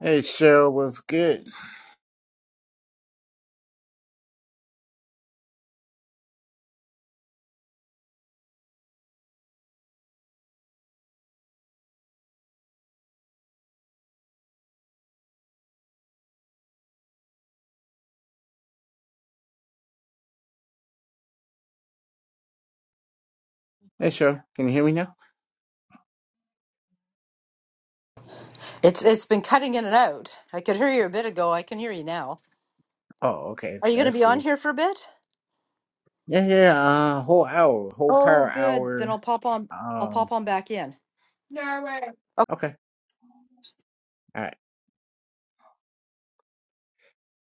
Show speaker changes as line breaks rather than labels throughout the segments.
Hey, Cheryl, what's good? Hey, Cheryl, can you hear me now?
It's it's been cutting in and out. I could hear you a bit ago. I can hear you now.
Oh, okay,
Are you going to
that's
be on
good.
here for a bit?
Yeah, yeah, yeah, uh, whole hour, whole
Oh,
power
good. Then I'll
hour.
pop on. I'll
Um,
pop on back in.
okay, all right,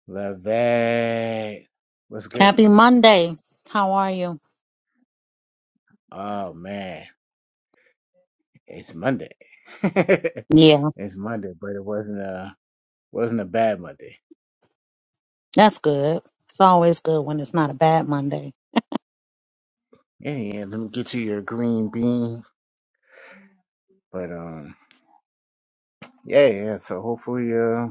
love that. What's good?
Happy Monday. How are you?
Oh man, it's Monday.
Yeah,
it's Monday, but it wasn't a wasn't a bad Monday.
that's good. It's always good when it's not a bad Monday.
Yeah, yeah. Let me get you your green bean. But um, yeah, yeah. So hopefully, uh,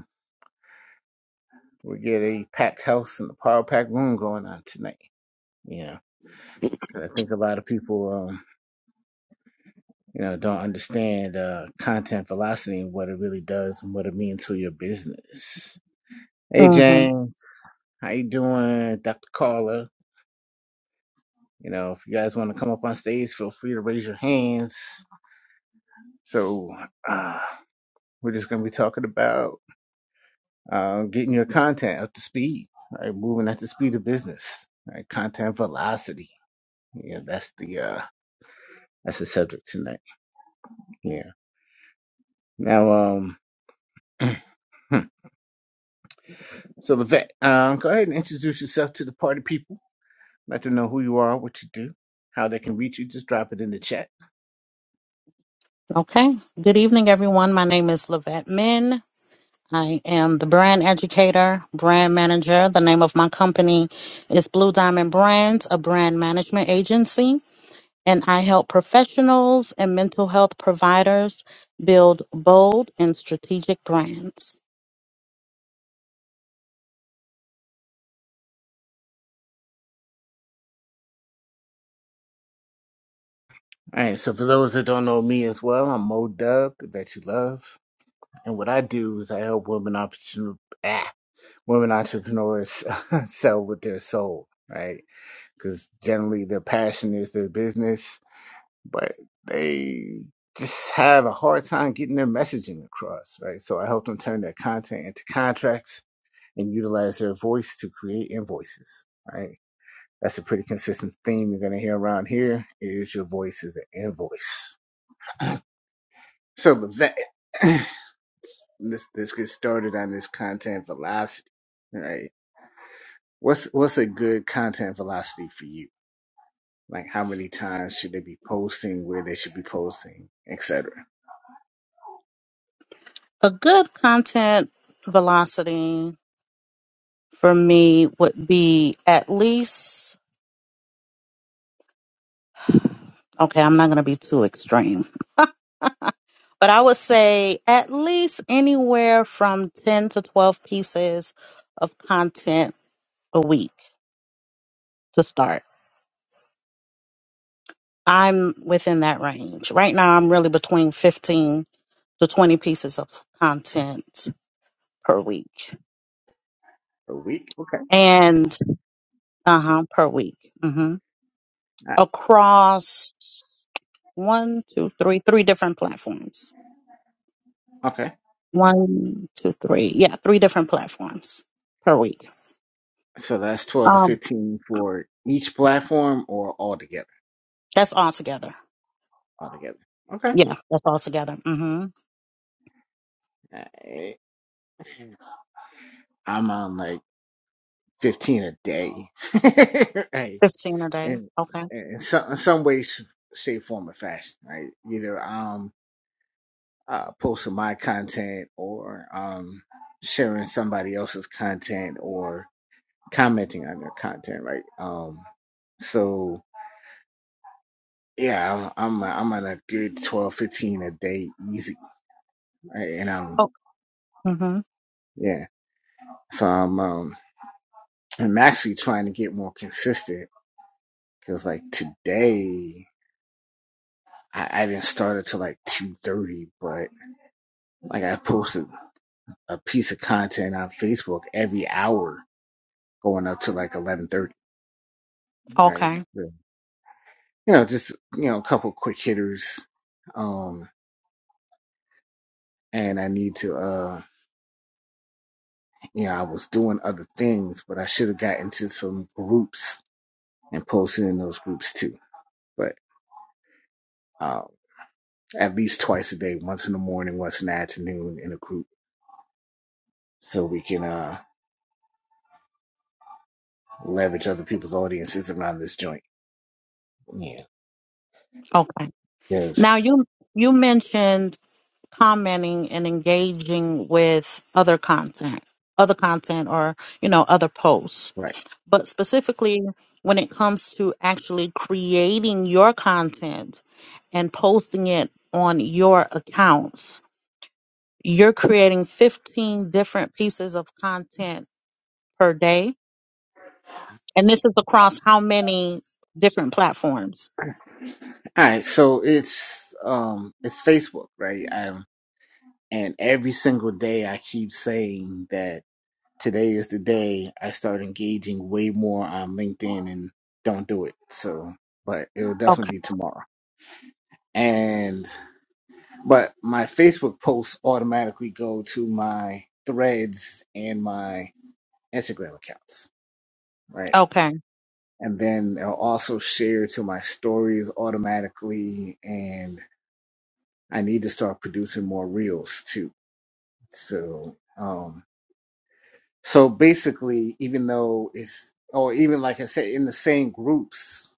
we get a packed house and the power pack room going on tonight. Yeah. I think a lot of people, um, you know, don't understand uh, content velocity and what it really does and what it means for your business. Hey,
hmm
James, how you doing, Dr. Carla? You know, if you guys want to come up on stage, feel free to raise your hands. So uh, we're just going to be talking about uh, getting your content up to speed, right? Moving at the speed of business, right? Content velocity. Yeah, that's the uh, that's the subject tonight. Yeah. Now, um. So, Levette, um, go ahead and introduce yourself to the party people. Let them know who you are, what you do, how they can reach you. Just drop it in the chat.
Okay. Good evening, everyone. My name is Lavette Min. I am the brand educator, brand manager. The name of my company is Blue Diamond Brands, a brand management agency. And I help professionals and mental health providers build bold and strategic brands.
All right. So, for those that don't know me as well, I'm Mo Dub, the vet you love. And what I do is I help women, opportun- ah, women entrepreneurs sell with their soul, right? Because generally their passion is their business, but they just have a hard time getting their messaging across, right? So, I help them turn their content into contracts and utilize their voice to create invoices, right? That's a pretty consistent theme you're going to hear around here is your voice is an invoice. So with that, let's, let's get started on this content velocity, right? What's, what's a good content velocity for you? Like how many times should they be posting, where they should be posting, et cetera?
A good content velocity for me would be at least okay i'm not going to be too extreme but i would say at least anywhere from 10 to 12 pieces of content a week to start i'm within that range right now i'm really between 15 to 20 pieces of content per week
A week? Okay.
and uh-huh per week hmm
Uh,
across one two three three different platforms
Okay.
One, two, three. Yeah, three different platforms per week.
So that's 12 to
Um,
15 for each platform or all together?
that's all together.
All together. Okay.
Yeah, that's all together. Mm-hmm.
Alright. I'm on like 15 a day. right.
Fifteen a day.
And,
Okay.
and in some, in some ways, shape, form, or fashion, right? Either I'm uh, posting my content or um, sharing somebody else's content or commenting on their content, right? Um, so yeah, I'm I'm I'm on a good 12 15 a day easy, right? And
Oh.
um,
Mm-hmm.
yeah, so I'm um I'm actually trying to get more consistent because like today I, I didn't start until like two thirty, but like I posted a piece of content on Facebook every hour going up to like eleven thirty, right?
Okay.
So, you know, just you know, a couple quick hitters, um. And I need to, uh, you know, I was doing other things, but I should have got into some groups and posting in those groups too. But um, at least twice a day, once in the morning, once in the afternoon, in a group, so we can uh, leverage other people's audiences around this joint. Yeah.
Okay.
Yes.
Now you you mentioned commenting and engaging with other content, other content, or you know other posts,
Right.
but specifically when it comes to actually creating your content and posting it on your accounts you're creating 15 different pieces of content per day. And this is across how many different platforms?
All right. So it's um it's Facebook, right? Um, and every single day I keep saying that today is the day I start engaging way more on LinkedIn and don't do it. So, but it'll definitely
Okay.
be tomorrow. and. but my Facebook posts automatically go to my threads and my Instagram accounts, right?
Okay.
And then they'll also share to my stories automatically. And I need to start producing more reels too. So, um, so basically, even though it's, or even like I said, in the same groups,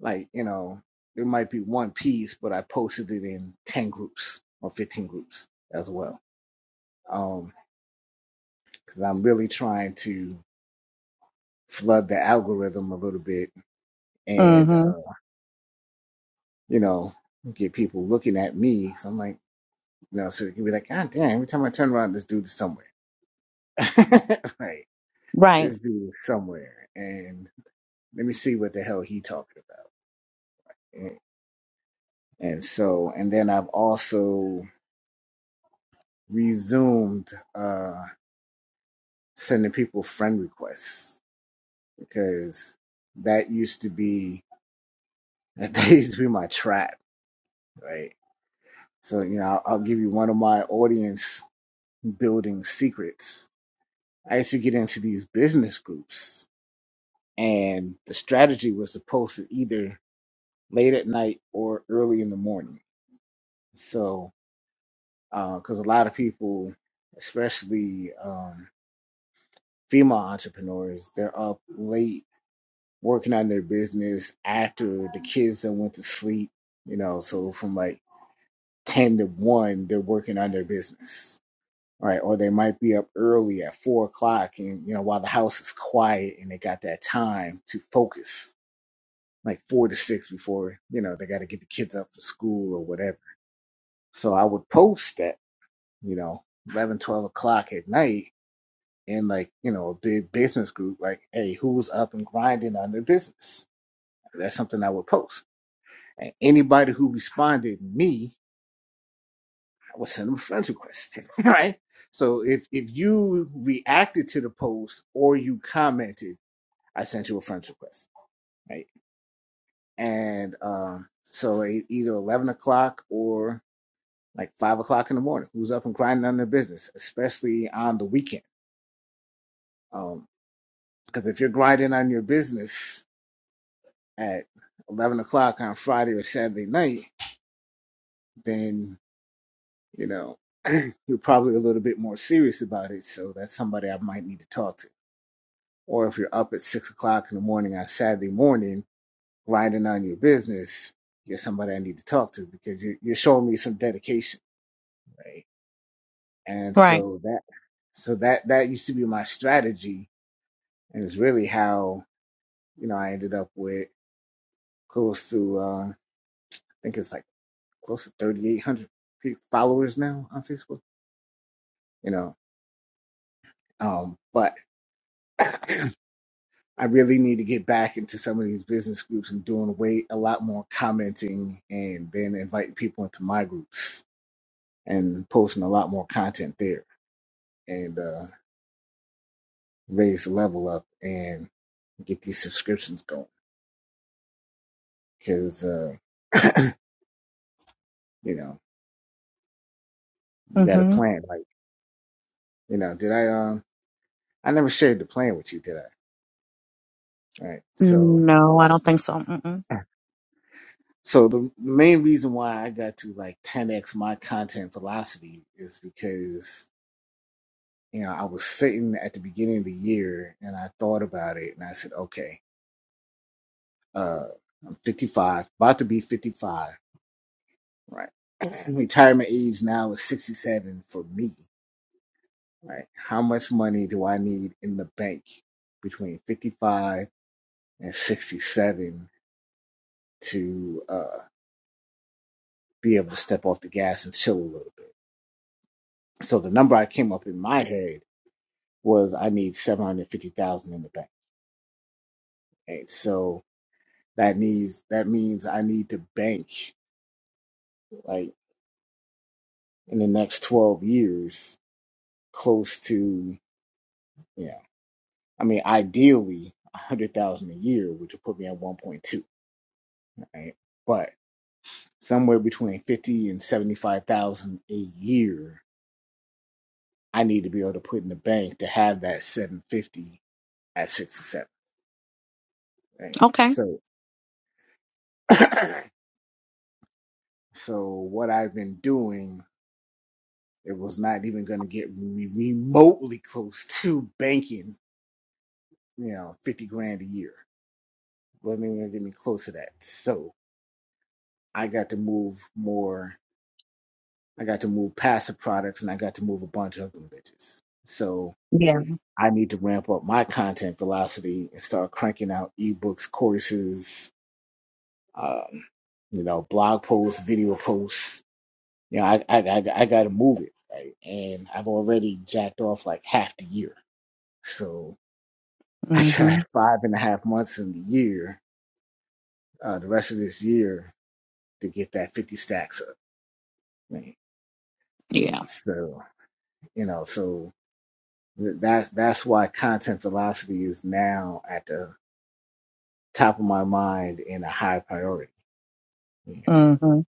like, you know, there might be one piece, but I posted it in 10 groups or 15 groups as well. Um, because I'm really trying to flood the algorithm a little bit and,
hmm
uh, you know, get people looking at me. So I'm like, you know, so you can be like, God damn, every time I turn around, this dude is somewhere. right.
Right.
This dude is somewhere. And let me see what the hell he talking about. And and so, and then I've also resumed uh, sending people friend requests because that used to be, that used to be my trap, right? So, you know, I'll, I'll give you one of my audience building secrets. I used to get into these business groups, and the strategy was to post it either late at night or early in the morning. So, because a lot of people, especially um, female entrepreneurs, they're up late working on their business after the kids that went to sleep, you know, so from like 10 to 1, they're working on their business right? Or they might be up early at four o'clock, and you know while the house is quiet, and they got that time to focus, like four to six before you know they got to get the kids up for school or whatever. So I would post that, you know, 11, 12 o'clock at night in like you know a big business group, like, hey, who's up and grinding on their business? That's something I would post, and anybody who responded me I would send them a friends request, right? So if if you reacted to the post or you commented, I sent you a friends request, right? And um, so at either eleven o'clock or like five o'clock in the morning, who's up and grinding on their business, especially on the weekend? Because um, if you're grinding on your business at eleven o'clock on Friday or Saturday night, then you know you're probably a little bit more serious about it. So that's somebody I might need to talk to or if you're up at six o'clock in the morning on Saturday morning grinding on your business, you're somebody I need to talk to because you, you're showing me some dedication, right? And
Right.
so that so that that used to be my strategy, and it's really how you know I ended up with close to uh, I think it's like close to 3,800 pe- followers now on Facebook, you know. Um, but I really need to get back into some of these business groups and doing way a lot more commenting and then inviting people into my groups and posting a lot more content there and uh, raise the level up and get these subscriptions going because uh, you know we got a
hmm
plan. Like you know, did I um I never shared the plan with you, did I? Right, so.
No, I don't think so. Mm-mm.
So the main reason why I got to like 10x my content velocity is because you know, I was sitting at the beginning of the year and I thought about it and I said, okay, uh, I'm 55, about to be 55, right? Retirement age now is 67 for me, right? How much money do I need in the bank between 55 and 67 to uh, be able to step off the gas and chill a little bit? So the number I came up in my head was I need 750,000 in the bank. and so that needs that means I need to bank like in the next 12 years close to you know i mean ideally 100000 a year which would put me at 1.2 right but somewhere between 50 and 75000 a year i need to be able to put in the bank to have that 750 at 6 or 7 right
Okay.
so so what i've been doing it was not even going to get re- remotely close to banking you know 50 grand a year wasn't even gonna get me close to that. So I got to move more. I got to move passive products, and I got to move a bunch of them bitches. So I need to ramp up my content velocity and start cranking out ebooks, courses, um, you know, blog posts, video posts. You know, I I I, I got to move it, right? And I've already jacked off like half the year, so I
Mm-hmm.
got five and a half months in the year, uh, the rest of this year to get that fifty stacks up. right?
Yeah.
So you know, so th- that's that's why content velocity is now at the top of my mind in a high priority. You know,
Mm-hmm.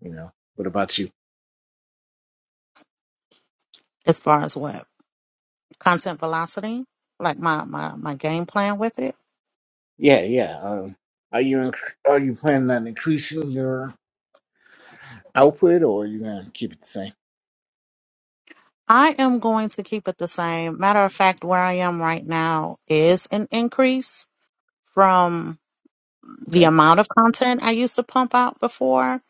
you know. What about you?
As far as what content velocity, like my my my game plan with it,
Yeah, yeah. Um, are you inc- are you planning on increasing your output, or are you gonna keep it the same?
I am going to keep it the same. Matter of fact, where I am right now is an increase from the
Okay,
amount of content I used to pump out before.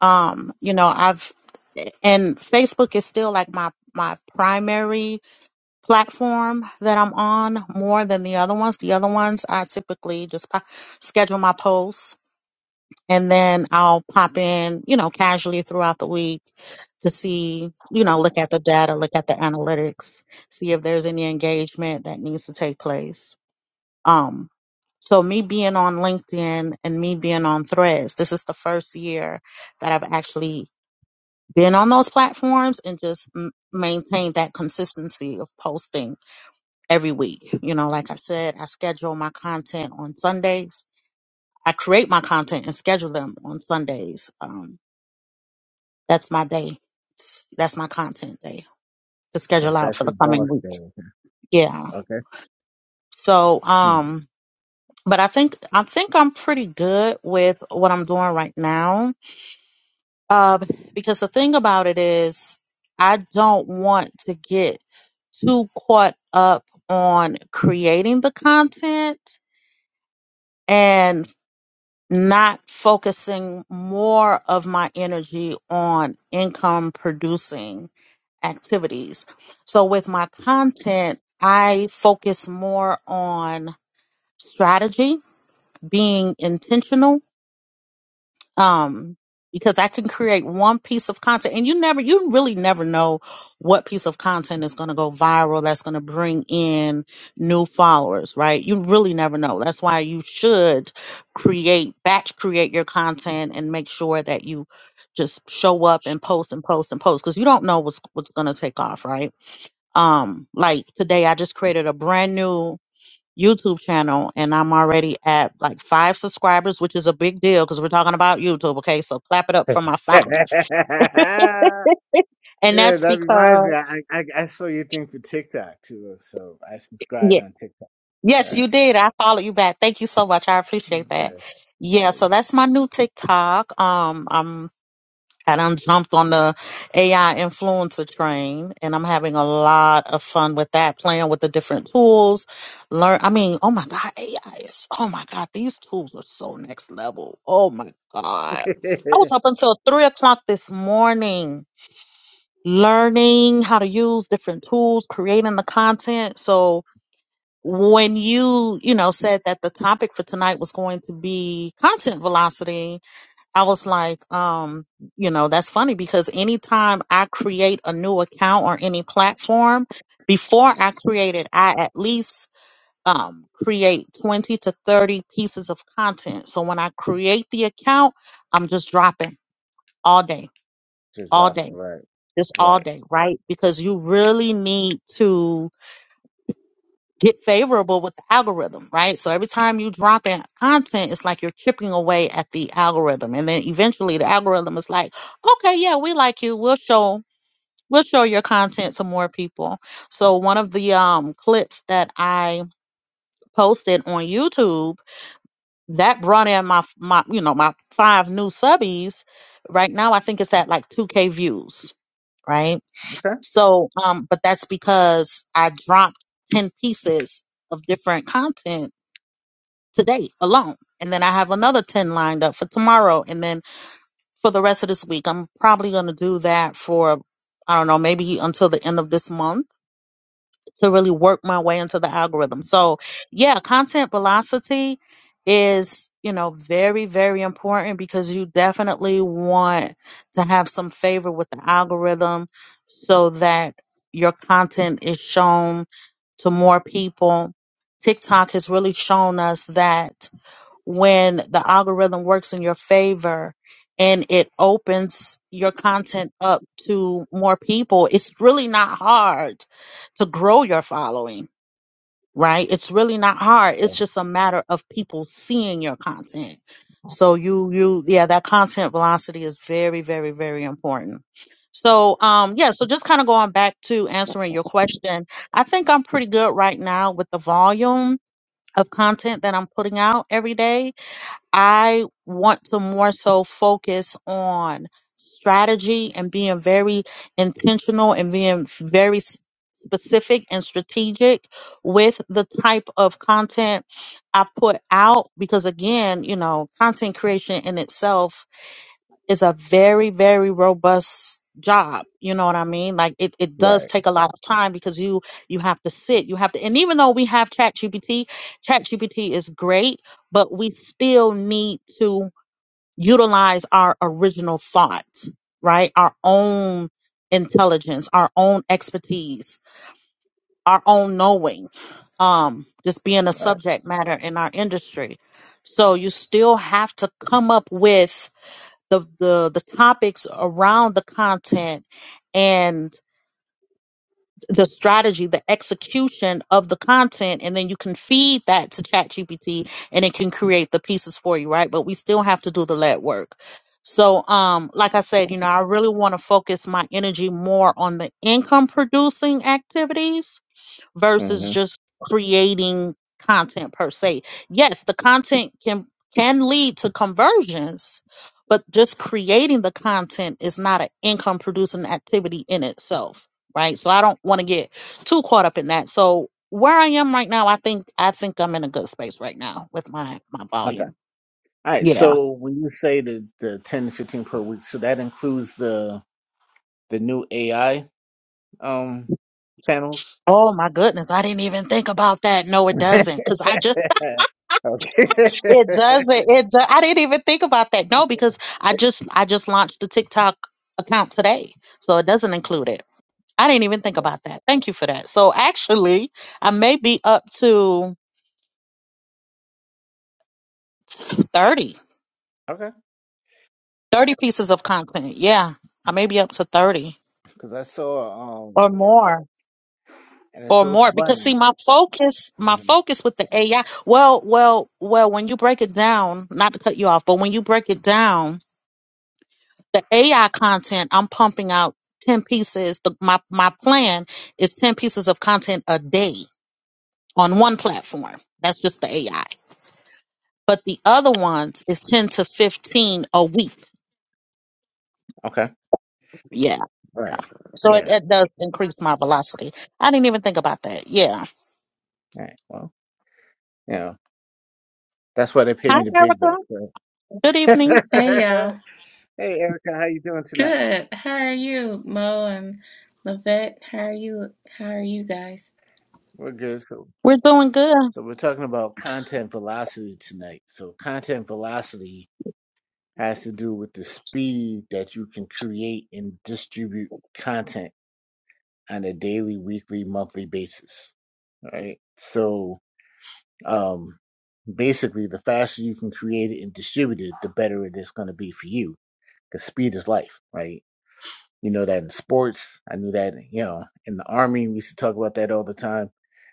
Um, you know, I've and Facebook is still like my my primary platform that I'm on more than the other ones. The other ones I typically just po- schedule my posts and then I'll pop in, you know, casually throughout the week to see, you know, look at the data, look at the analytics, see if there's any engagement that needs to take place. Um, so me being on LinkedIn and me being on Threads, this is the first year that I've actually been on those platforms and just m- maintained that consistency of posting every week. You know, like I said, I schedule my content on Sundays. I create my content and schedule them on Sundays. Um. That's my day. That's my content day to
that,
schedule out
that's
for the
your
coming
boss
week.
thing.
Yeah.
Okay.
So,
Hmm.
um, but I think I think I'm pretty good with what I'm doing right now. Uh, because the thing about it is, I don't want to get too caught up on creating the content and not focusing more of my energy on income producing activities. So with my content, I focus more on strategy, being intentional, um, because I can create one piece of content and you never, you really never know what piece of content is going to go viral. That's going to bring in new followers, right? You really never know. That's why you should create, batch create your content and make sure that you just show up and post and post and post because you don't know what's, what's going to take off, right? um like today i just created a brand new youtube channel and i'm already at like five subscribers which is a big deal because we're talking about youtube okay so clap it up for my five
yeah,
and that's
that reminds me.
because
I, I I saw your thing for TikTok too, so I subscribed
yeah
on TikTok. All
yes you did i followed you back thank you so much i appreciate that
right.
yeah
Yeah,
so that's my new tiktok um I done jumped on the AI influencer train and I'm having a lot of fun with that, playing with the different tools. Learn I mean, oh my God, AI is oh my God, these tools are so next level. Oh my God.
yeah.
I was up until three o'clock this morning learning how to use different tools, creating the content. So when you, you know, said that the topic for tonight was going to be content velocity, I was like, um, you know, that's funny because anytime I create a new account or any platform, before I create it, I at least um, create 20 to 30 pieces of content. So when I create the account, I'm just dropping all day,
Just
all
dropping,
day,
right,
just all
right.
day, right? Because you really need to get favorable with the algorithm, right? So every time you drop in content, it's like you're chipping away at the algorithm. And then eventually the algorithm is like, okay, yeah, we like you. We'll show we'll show your content to more people. So one of the um clips that I posted on YouTube that brought in my my you know my five new subbies. Right now I think it's at like 2k views, right?
Okay.
So um but that's because I dropped 10 pieces of different content today alone. And then I have another 10 lined up for tomorrow. And then for the rest of this week, I'm probably going to do that for, I don't know, maybe until the end of this month to really work my way into the algorithm. So, yeah, content velocity is, you know, very, very important because you definitely want to have some favor with the algorithm so that your content is shown to more people. TikTok has really shown us that when the algorithm works in your favor and it opens your content up to more people, it's really not hard to grow your following, right? It's really not hard.
Yeah.
It's just a matter of people seeing your content. So you you yeah, that content velocity is very very very important. So um yeah, so just kind of going back to answering your question, I think I'm pretty good right now with the volume of content that I'm putting out every day I want to more so focus on strategy and being very intentional and being very s- specific and strategic with the type of content I put out because again, you know, content creation in itself is a very very robust job you know what i mean like it, it does
Right,
take a lot of time because you you have to sit you have to and even though we have ChatGPT, ChatGPT is great but we still need to utilize our original thought right our own intelligence our own expertise our own knowing um just being a
right.
subject matter in our industry so you still have to come up with the the the topics around the content and the strategy the execution of the content and then you can feed that to ChatGPT and it can create the pieces for you right but we still have to do the lead work so um like i said you know i really want to focus my energy more on the income producing activities versus
hmm
just creating content per se. Yes, the content can can lead to conversions, but just creating the content is not an income producing activity in itself, right? So I don't want to get too caught up in that. So where I am right now, I think I think I'm in a good space right now with my my
Okay.
volume.
All right.
Yeah.
So when you say the the ten to fifteen per week, so that includes the the new AI um channels.
Oh my goodness, I didn't even think about that. No, it
okay.
doesn't, because I just
okay.
It does, but it do- I didn't even think about that. No, because I just I just launched the TikTok account today, so it doesn't include it. I didn't even think about that. Thank you for that. So actually, I may be up to 30,
Okay.
30 pieces of content. Yeah, I may be up to 30
Because I saw
or
um,
more
and it's
or
so
more because
funny.
see my focus my
hmm
focus with the AI well well well when you break it down not to cut you off but when you break it down the AI content, I'm pumping out 10 pieces. The, my, my plan is 10 pieces of content a day on one platform. That's just the AI. But the other ones is 10 to 15 a week.
Okay.
Yeah.
Right.
So it,
Yeah.
it does increase my velocity. I didn't even think about that. Yeah.
Right. Well. Yeah. That's why they pay
Hi,
me the big
Erica.
bucks. Right?
Good evening.
Hey y'all.
hey, Erica, how you doing tonight?
Good. How are you, Mo and Levette? How are you? How are you guys?
We're good. So
We're doing good.
So we're talking about content velocity tonight. So content velocity has to do with the speed that you can create and distribute content on a daily, weekly, monthly basis. Right? So um basically the faster you can create it and distribute it, the better it is going to be for you. Because speed is life, right? You know that in sports. I knew that, you know, in the army, we used to talk about that all the time.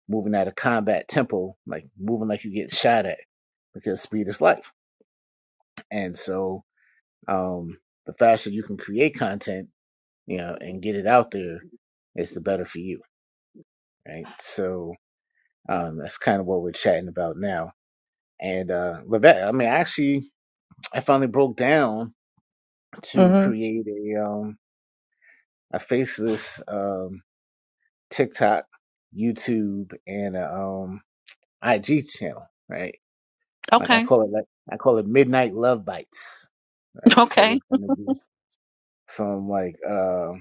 Moving at a combat tempo, like moving like you're getting shot at, because speed is life. And so, um, the faster you can create content, you know, and get it out there, it's the better for you, right? So, um, that's kind of what we're chatting about now. And uh, but that, I mean, actually, I finally broke down to
hmm
create a um, a faceless. Um, TikTok, YouTube, and a, um IG channel, right? Like I
Okay.
call it like I call it Midnight Love Bites, right? So
Okay.
it's gonna be some like uh,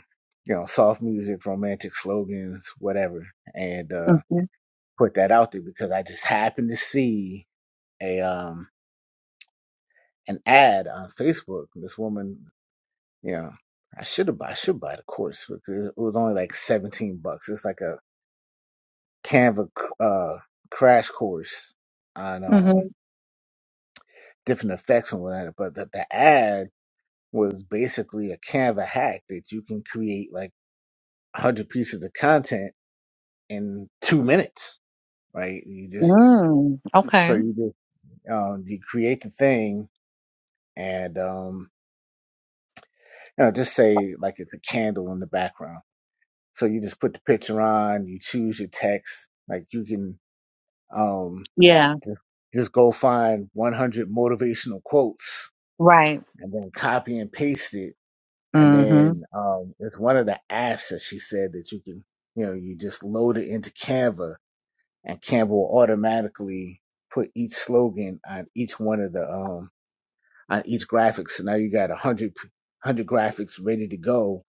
you know soft music, romantic slogans, whatever, and uh,
hmm
put that out there because I just happened to see a um an ad on Facebook. This woman, you know, I should have I should buy the course because it was only like seventeen bucks. It's like a Canva uh, crash course on
hmm
um, different effects and whatnot. But the, the ad was basically a Canva hack that you can create like 100 pieces of content in two minutes, right? You just,
Mm. Okay.
so you just, um, you create the thing and, um, you know, just say like it's a candle in the background. So you just put the picture on, you choose your text, like you can, um,
Yeah.
just go find 100 motivational quotes
Right.
and then copy and paste it. And then um, it's one of the apps that she said that you can, you know, you just load it into Canva and Canva will automatically put each slogan on each one of the, um, on each graphic. So now you got a hundred, hundred graphics ready to go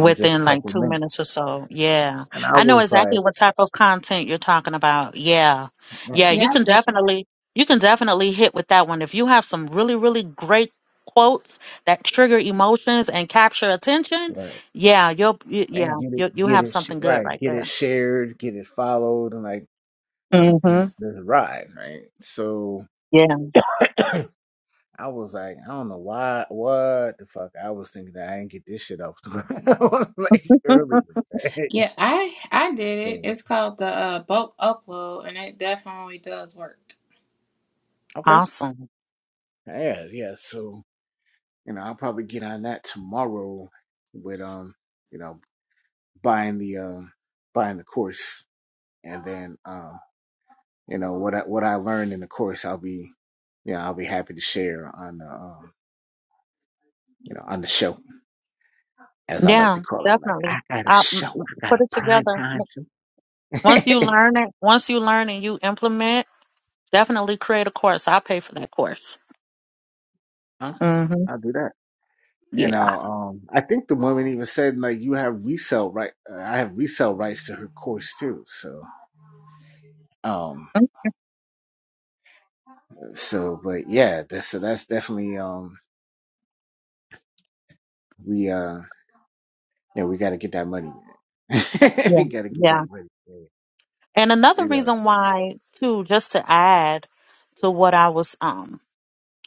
in just a
like
couple of
two
minutes.
minutes or so. Yeah.
And I
I know
was
exactly
like,
what type of content you're talking about. Yeah.
yeah,
Yeah, you
Yeah, I
can
did.
definitely you can definitely hit with that one. If you have some really, really great quotes that trigger emotions and capture attention,
right.
yeah, you'll y- yeah,
And get it,
you you
get
have
it, sh-
something good
right.
right
Get it
there.
shared, get it followed. And like, mm, mm,
Mm-hmm.
this is a ride, right? So, I was like, I don't know why, what the fuck. I was thinking that I didn't get this shit off the ground like
Yeah.
earlier. right?
yeah. I I did it.
So
It's called the uh, bulk upload, and it definitely does work.
okay,
Awesome.
yeah, yeah. So you know, I'll probably get on that tomorrow with um, you know, buying the um, buying the course, and then um, you know, what I what I learned in the course, I'll be, you know, I'll be happy to share on the um, you know, on the show as I like to
Yeah,
call it. Like
definitely.
I got a
I m-
show,
m-
I got
put
a
it
prime
together.
time
M-
show.
Once you learn it, once you learn and you implement, definitely create a course. I'll pay for that course.
okay,
Mm-hmm.
I'll do that. And
Yeah.
uh, um, I think the woman even said like you have resale right. uh, I have resale rights to her course too. So um, so but yeah, that's so that's definitely um we uh yeah we got to get that money. Man.
Yeah.
we got to get
Yeah.
that money. Man.
And another
You know
reason why, too, just to add to what I was um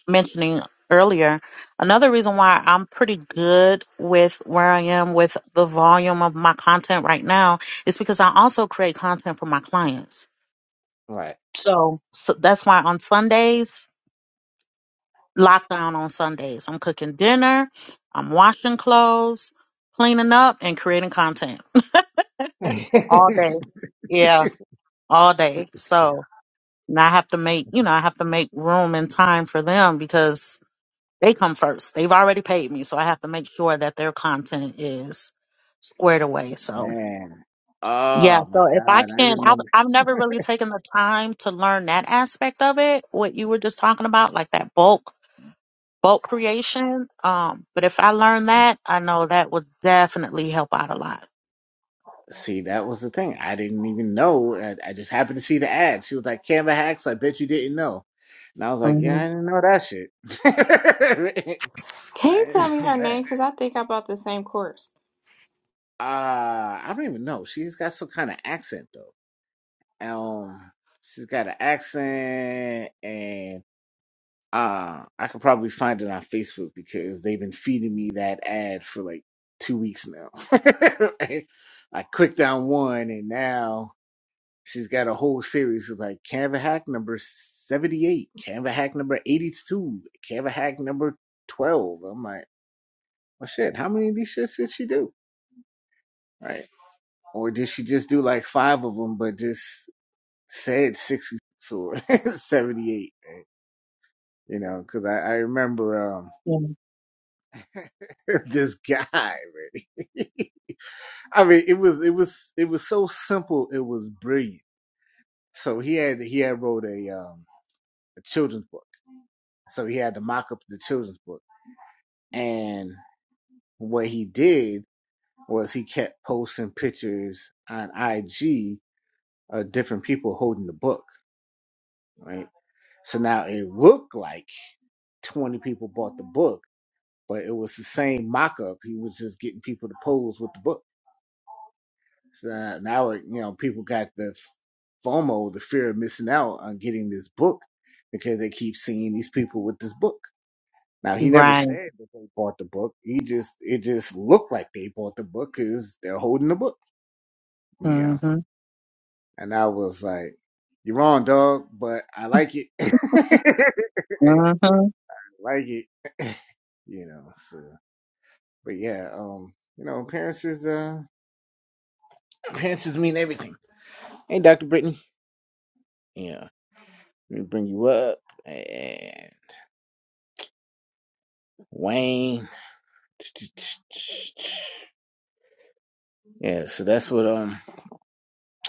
mentioning earlier, another reason why I'm pretty good with where I am with the volume of my content right now is because I also create content for my clients.
right.
So, so that's why on Sundays, lockdown on Sundays, I'm cooking dinner, I'm washing clothes, cleaning up, and creating content
yeah,
all day. Yeah, all day. So. And I have to make, you know, I have to make room and time for them because they come first. They've already paid me, so I have to make sure that their content is squared away. So,
man.
yeah,
Oh my
so if I
God! I
can, I've,
remember.
I've never really taken the time to learn that aspect of it, what you were just talking about, like that bulk, bulk creation. Um, but if I learn that, I know that would definitely help out a lot.
See, that was the thing. I didn't even know. I, I just happened to see the ad. She was like, Canva hacks, I bet you didn't know. And I was like,
Mm-hmm.
yeah, I didn't know that shit.
Can
I
you tell
didn't
me
know
her
that.
name? Because I think I bought the same course.
Uh, I don't even know. She's got some kind of accent though. Um, she's got an accent and uh I could probably find it on Facebook because they've been feeding me that ad for like two weeks now. I clicked on one and now She's got a whole series of like Canva hack number 78, Canva hack number 82, Canva hack number 12. I'm like, well, shit, how many of these shits did she do? Right. Or did she just do like five of them, but just said 66 or 78? You know, because I, I remember um, this guy, really. I mean, it was it was it was so simple, it was brilliant. So he had he had wrote a um a children's book So he had to mock up the children's book. And what he did was he kept posting pictures on IG of different people holding the book, right? So now it looked like 20 people bought the book, but it was the same mock up. He was just getting people to pose with the book. So now, it- you know, people got the FOMO, the fear of missing out on getting this book because they keep seeing these people with this book. Now he never
Right.
said that they bought the book. He just it just looked like they bought the book because they're holding the book. Yeah,
Mm-hmm.
and I was like, "You're wrong, dog," but I like it. I
Mm-hmm.
like it, you know. So, but yeah, um, you know, appearances, uh, appearances mean everything. Hey, Doctor Brittany. Yeah, let me bring you up. And Wayne. Yeah, so that's what um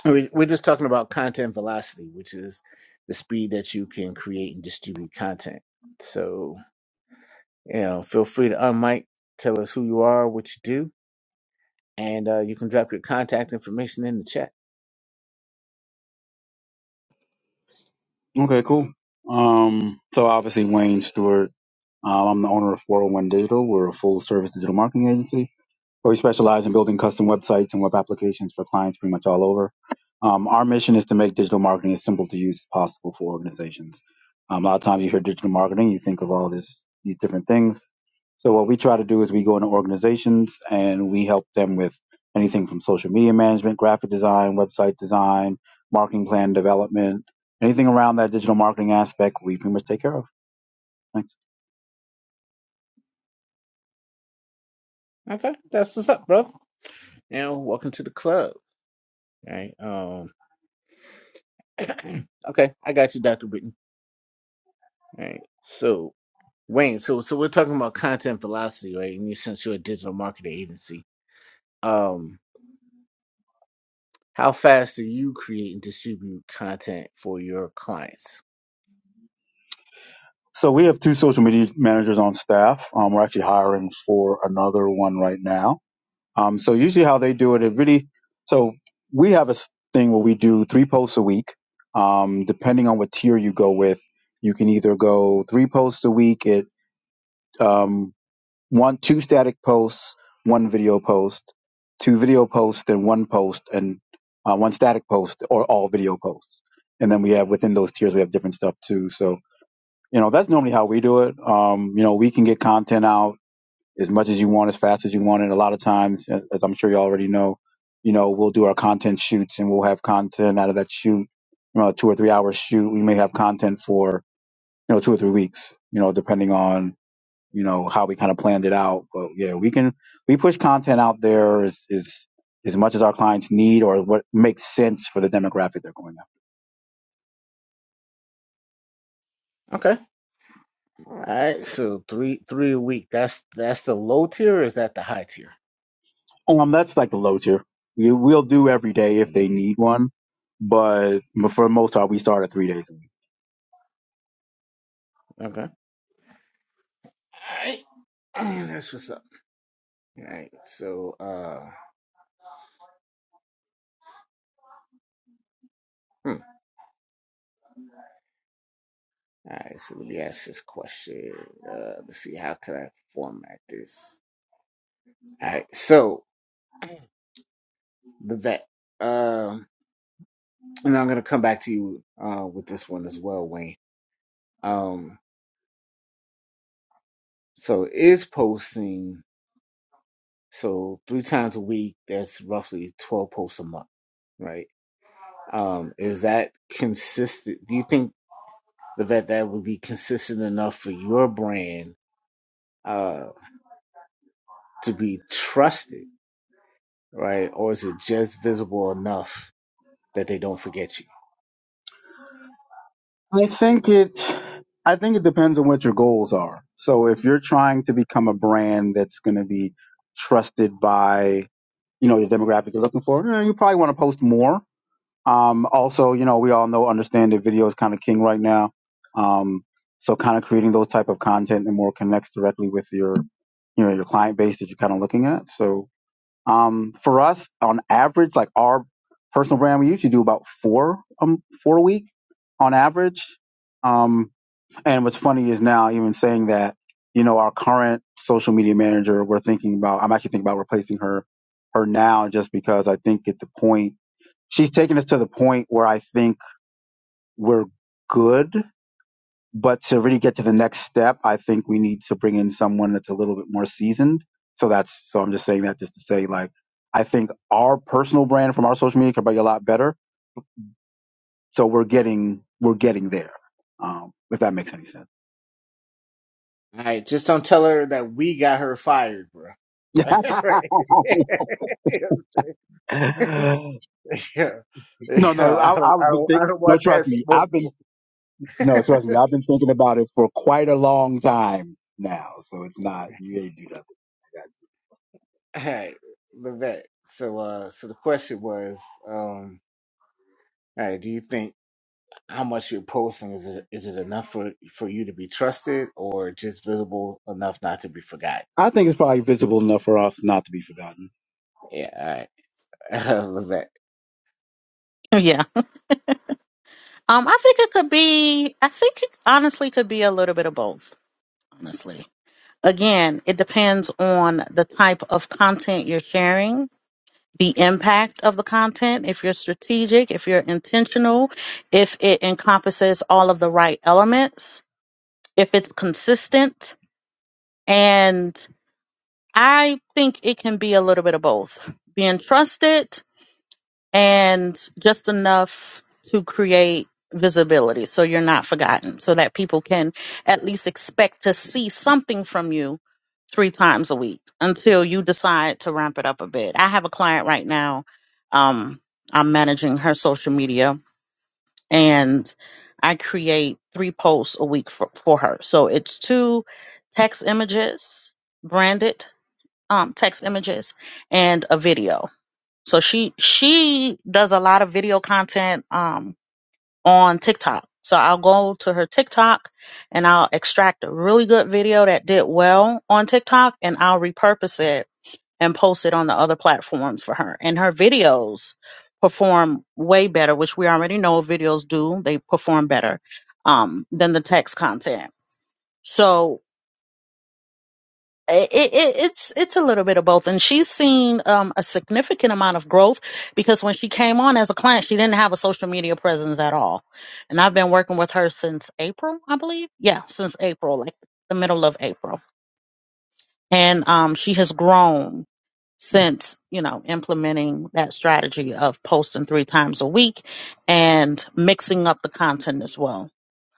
I mean, we're just talking about content velocity, which is the speed that you can create and distribute content. So, you know, feel free to unmic, tell us who you are, what you do, and uh, you can drop your contact information in the chat.
Okay, cool. Um, so obviously Wayne Stewart. Um, I'm the owner of 401 Digital. We're a full service digital marketing agency. We specialize in building custom websites and web applications for clients pretty much all over. Um, our mission is to make digital marketing as simple to use as possible for organizations. Um, a lot of times you hear digital marketing, you think of all this, these different things. So what we try to do is we go into organizations and we help them with anything from social media management, graphic design, website design, marketing plan development, anything around that digital marketing aspect, we pretty much take care of. Thanks.
Okay, that's what's up, bro. You know, welcome to the club. All right. Um. okay, I got you, Doctor Britton. All right. So, Wayne. So, so we're talking about content velocity, right? And you, since you're a digital marketing agency, um. How fast do you create and distribute content for your clients?
So we have two social media managers on staff. Um, we're actually hiring for another one right now. Um, so usually how they do it, it really, so we have a s- thing where we do three posts a week. Um, depending on what tier you go with, you can either go three posts a week at, um, one, two static posts, one video post, two video posts, then one post and uh, one static post or all video posts. And then we have within those tiers, we have different stuff too. So, you know that's normally how we do it um you know we can get content out as much as you want as fast as you want and a lot of times a- as i'm sure you already know you know we'll do our content shoots and we'll have content out of that shoot you know, two or three hour shoot we may have content for you know two or three weeks you know depending on you know how we kind of planned it out but yeah we can we push content out there as as, as much as our clients need or what makes sense for the demographic they're going after
Okay. All right. So three three a week. That's that's the low tier or is that the high tier?
Um, that's like the low tier. We, we'll do every day if
Okay.
they
Okay.
need one, but m- for the most part, we start at three days a week.
Okay. All right. And that's what's up. All right. So uh hmm. all right, so let me ask this question. Uh let's see how could I format this. All right, so the vet. Um and I'm gonna come back to you uh with this one as well, Wayne. Um so is posting So three times a week, that's roughly 12 posts a month, right? Um, is that consistent? Do you think that that would be consistent enough for your brand uh, to be trusted, right? Or is it just visible enough that they don't forget you?
I think it, I think it depends on what your goals are. So if you're trying to become a brand that's going to be trusted by, you know, the demographic you're looking for, eh, you probably want to post more. Um, also, you know, we all know, understand that video is kind of king right now. Um, so kind of creating those type of content that more connects directly with your, you know, your client base that you're kind of looking at. So, Um, for us, on average, like our personal brand, we usually do about four um four a week on average. Um, and what's funny is now even saying that, you know, our current social media manager, we're thinking about. I'm actually thinking about replacing her her now just because I think at the point she's taken us to the point where I think we're good but to really get to the next step, I think we need to bring in someone that's a little bit more seasoned. So that's so I'm just saying that just to say like I think our personal brand from our social media could be a lot better. So we're getting we're getting there. Um, if that makes any sense.
All right, just don't tell her that we got her fired, bro.
Yeah.
right. yeah. Yeah.
no, no,
I
I, I
don't,
was
I
been
don't, I
think,
don't
no,
want that
trust me, I've been
smoke.
no, trust me, I've been thinking about it for quite a long time now. So it's not you ain't do that.
All right, Levette. So, uh, so the question was, um, all right, do you think how much you're posting is it, is it enough for for you to be trusted, or just visible enough not to be forgotten?
I think it's probably visible enough for us not to be forgotten.
Yeah, all right, Levette.
Yeah. Um, I think it could be. I think it honestly could be a little bit of both. Honestly, again, it depends on the type of content you're sharing, the impact of the content. If you're strategic, if you're intentional, if it encompasses all of the right elements, if it's consistent, and I think it can be a little bit of both. Being trusted and just enough to create visibility so you're not forgotten so that people can at least expect to see something from you three times a week until you decide to ramp it up a bit i have a client right now um, i'm managing her social media and i create three posts a week for, for her so it's two text images branded um, text images and a video so she she does a lot of video content um on TikTok. So I'll go to her TikTok and I'll extract a really good video that did well on TikTok and I'll repurpose it and post it on the other platforms for her. And her videos perform way better, which we already know videos do. They perform better um than the text content. So it, it, it's it's a little bit of both, and she's seen um, a significant amount of growth because when she came on as a client, she didn't have a social media presence at all, and I've been working with her since April, I believe. Yeah, since April, like the middle of April, and um, she has grown since you know implementing that strategy of posting three times a week and mixing up the content as well.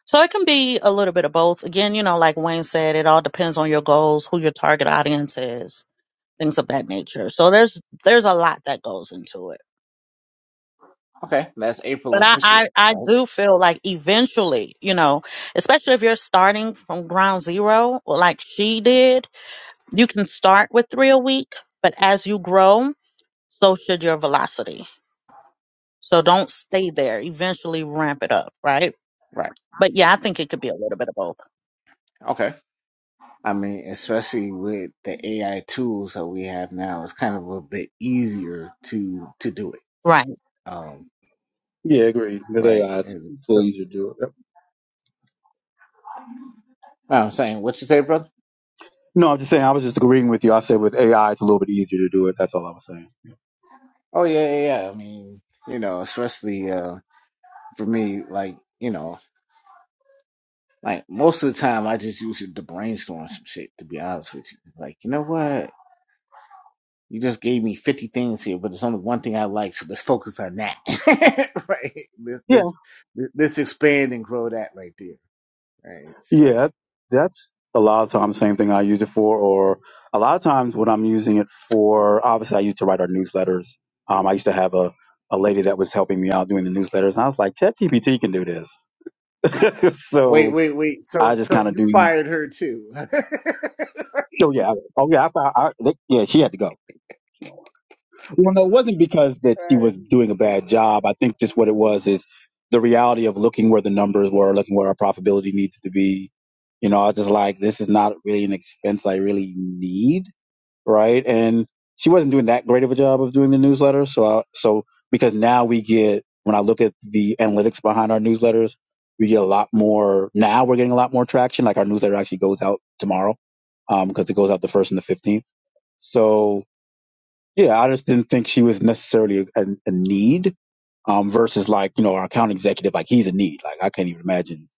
So it can be a little bit of both. Again, you know, like Wayne said, it all depends on your goals, who your target audience is things of that nature. So there's there's a lot that goes into it.
Okay, that's April
But
of
I,
this year,
I, I
right?
do feel like eventually, you know, especially if you're starting from ground zero, well, like she did, you can start with three a week, but as you grow, so should your velocity. So don't stay there. Eventually ramp it up, right?
Right.
But yeah, I think it could be a little bit of both.
Okay. I mean, especially with the AI tools that we have now, it's kind of a bit easier to to do it.
Right.
Um,
Yeah, agreed. With
right.
AI, it's
And
a little
so,
easier to do it. Yep.
no, I'm saying, what you say, brother?
No, I'm just saying. I was just agreeing with you. I said with AI, it's a little bit easier to do it. That's all I was saying.
Oh yeah, yeah, yeah. I mean, you know, especially. Um, for me, like, you know, like most of the time I just use it to brainstorm some shit, to be honest with you. Like, you know what? You just gave me 50 things here, but there's only one thing I like, so let's focus on that. right? Let's,
Yeah,
let's, let's expand and grow that right there. Right?
yeah.
So,
That's a lot of times same thing I use it for, or a lot of times what I'm using it for. Obviously, I used to write our newsletters. Um, I used to have a a lady that was helping me out doing the newsletters, and I was like, ChatGPT can do this.
wait,
so
wait, wait. So,
I just
so
kind of
you
do.
fired her too.
Oh yeah, oh yeah. I, I, I, yeah, she had to go. Well, no, it wasn't because that she was doing a bad job. I think just what it was is the reality of looking where the numbers were, looking where our profitability needs to be. You know, I was just like, this is not really an expense I really need, right? And she wasn't doing that great of a job of doing the newsletter. So, I, so because now we get, when I look at the analytics behind our newsletters, we get a lot more. Now we're getting a lot more traction. Like our newsletter actually goes out tomorrow, um, because it goes out the first and the fifteenth. So yeah, I just didn't think she was necessarily a, a need um, versus like you know our account executive, like he's a need. Like I can't even imagine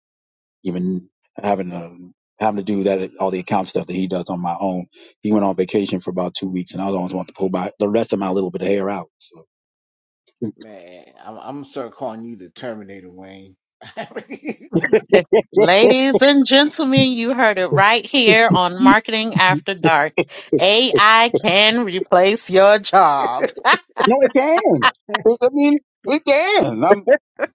even having to having to do that all the account stuff that he does on my own. He went on vacation for about two weeks, and I was always want to pull my the rest of my little bit of hair out. So.
Man, I'm, I'm gonna start calling you the Terminator, Wayne.
Ladies and gentlemen, you heard it right here on
no,
Marketing After Dark. AI can replace your job.
it can. It, I mean, it can. I'm, I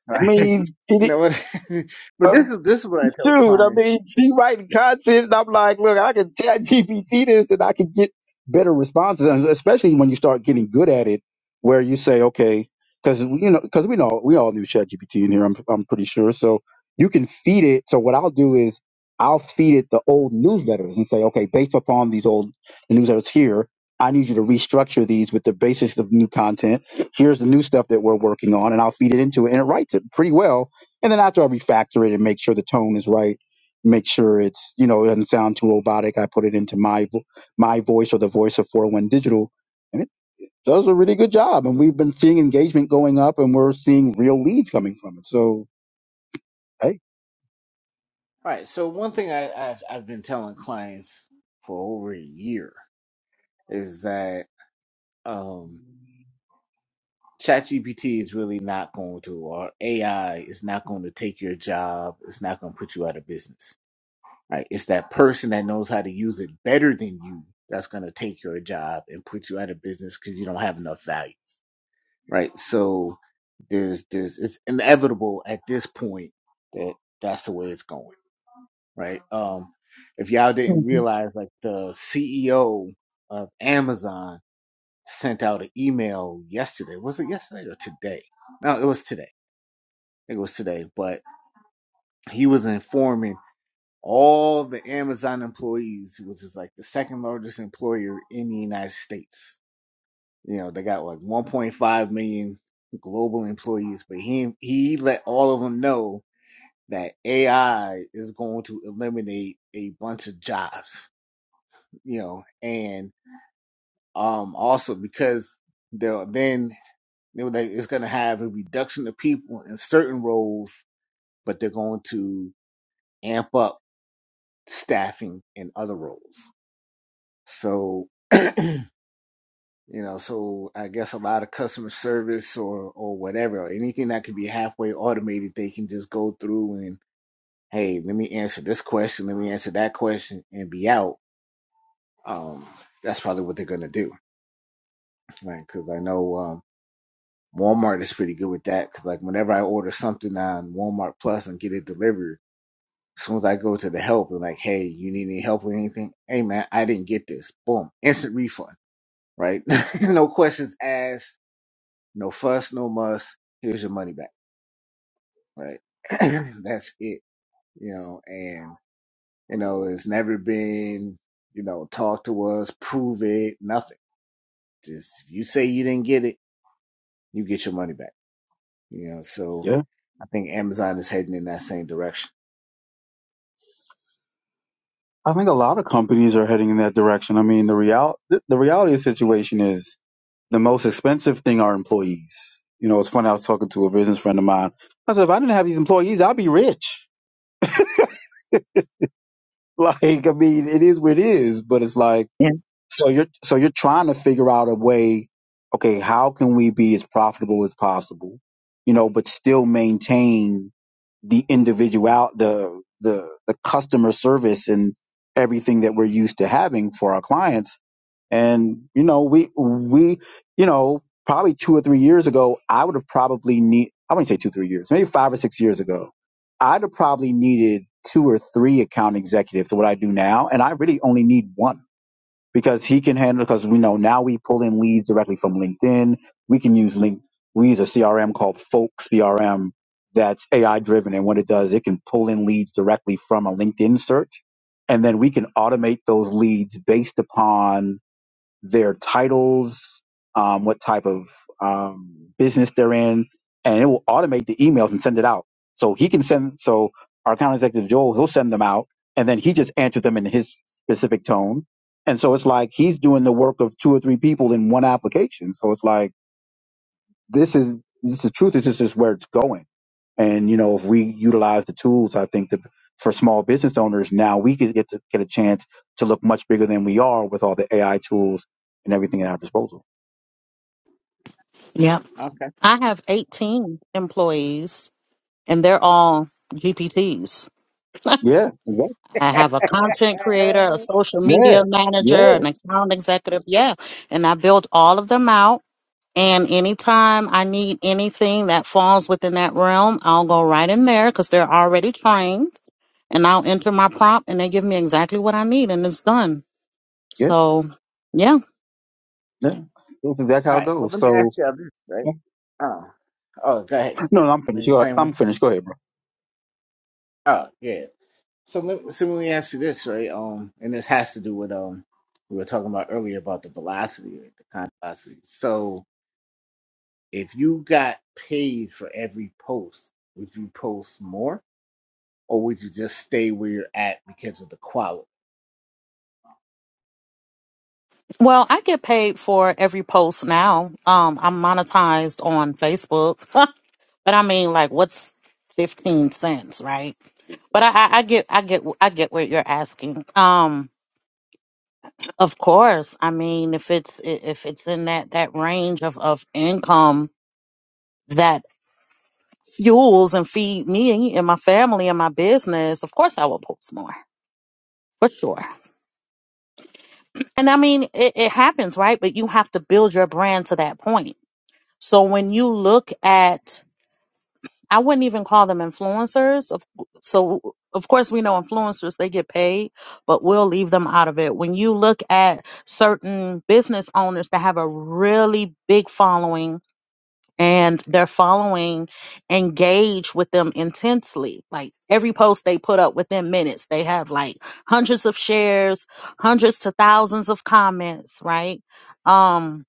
right?
mean,
You know
it,
what? but this is this is what I tell
Dude, I
clients.
mean, she writing content, and I'm like, look, I can chat GPT this, and I can get better responses, and especially when you start getting good at it, where you say, okay, because you know, because we know we all knew chat GPT in here, I'm I'm pretty sure. So you can feed it. So what I'll do is I'll feed it the old newsletters and say, okay, based upon these old newsletters here, I need you to restructure these with the basis of new content. Here's the new stuff that we're working on, and I'll feed it into it, and it writes it pretty well and then after I refactor it and make sure the tone is right, make sure it's, you know, it doesn't sound too robotic. I put it into my vo- my voice or the voice of 401 Digital, and it does a really good job. And we've been seeing engagement going up, and we're seeing real leads coming from it. So, hey,
All Right. So one thing I, I've I've been telling clients for over a year is that um ChatGPT is really not going to, or AI is not going to take your job. It's not going to put you out of business. Right. It's that person that knows how to use it better than you that's going to take your job and put you out of business because you don't have enough value. Right. So there's there's it's inevitable at this point that that's the way it's going. right? Um, if y'all didn't
Mhm.
realize, like the CEO of Amazon sent out an email yesterday. Was it yesterday or today? No, it was today. I think it was today. But he was informing all the Amazon employees, which is like the second largest employer in the United States. You know, they got like 1.5 million global employees, but he he let all of them know that AI is going to eliminate a bunch of jobs you know, and um also because they'll then they were like, it's gonna have a reduction of people in certain roles, but they're going to amp up staffing in other roles. So you know, so I guess a lot of customer service or or whatever, or anything that could be halfway automated, they can just go through and hey, let me answer this question, let me answer that question, and be out. Um, that's probably what they're gonna do, right? Because I know Um, Walmart is pretty good with that because like whenever I order something on Walmart Plus and get it delivered, as soon as I go to the help and like, hey, you need any help with anything? Hey man, I didn't get this. Boom, instant refund, right? no questions asked, no fuss, no muss. Here's your money back, right? That's it, you know. And you know, it's never been, you know, talk to us, prove it, nothing. Just if you say you didn't get it, you get your money back, you know. So
yeah,
I think Amazon is heading in that same direction.
I think a lot of companies are heading in that direction. I mean, the real the, the reality of the situation is the most expensive thing are employees. You know, it's funny. I was talking to a business friend of mine. I said, if I didn't have these employees, I'd be rich. Like, I mean, it is what it is, but it's like
Yeah.
So you're so you're trying to figure out a way, okay, how can we be as profitable as possible, you know, but still maintain the individual the the the customer service and everything that we're used to having for our clients. And you know, we we you know, probably 2 or 3 years ago, I would have probably need I wouldn't say 2 3 years, maybe 5 or 6 years ago. I'd have probably needed two or three account executives to what I do now, and I really only need one because he can handle because we know now we pull in leads directly from LinkedIn. We can use link we use a CRM called Folk CRM that's AI driven and what it does, it can pull in leads directly from a LinkedIn search. And then we can automate those leads based upon their titles, um, what type of um, business they're in, and it will automate the emails and send it out. So he can send. So our account executive Joel, he'll send them out, and then he just answers them in his specific tone. And so it's like he's doing the work of two or three people in one application. So it's like this is this is the truth. This is where it's going. And you know, if we utilize the tools, I think that for small business owners now we could get to get a chance to look much bigger than we are with all the AI tools and everything at our disposal.
Yeah.
Okay.
I have 18 employees and they're all GPTs.
Yeah, exactly.
I have a content creator, a social
Yeah,
media manager,
yeah.
an account executive. Yeah. And I built all of them out. And anytime I need anything that falls within that realm, I'll go right in there because they're already trained and I'll enter my prompt and they give me exactly what I need and it's done.
Yeah,
So, yeah.
yeah, that's exactly how
All
it
right. Well,
goes.
let me
So
ask you this, right?
no,
Oh, oh, go ahead.
no, I'm finished.
We the
Go ahead.
same
I'm
one?
finished. Go ahead, bro.
Oh, yeah. So let, so let me ask you this, right? Um, and this has to do with um, we were talking about earlier about the velocity, right? the content velocity. So if you got paid for every post, would you post more, or would you just stay where you're at because of the quality?
Well, I get paid for every post now. Um, I'm monetized on Facebook, but I mean, like, what's fifteen cents, right? But I, I, I get, I get, I get what you're asking. Um, of course, I mean, if it's i- if it's in that that range of of income that fuels and feed me and my family and my business, of course, I will post more for sure. And I mean, it, it happens, right? But you have to build your brand to that point. So when you look at I wouldn't even call them influencers. Of- So, of course, we know influencers, they get paid, but we'll leave them out of it. When you look at certain business owners that have a really big following and their following engage with them intensely, like every post they put up within minutes, they have like hundreds of shares, hundreds to thousands of comments, right? Um,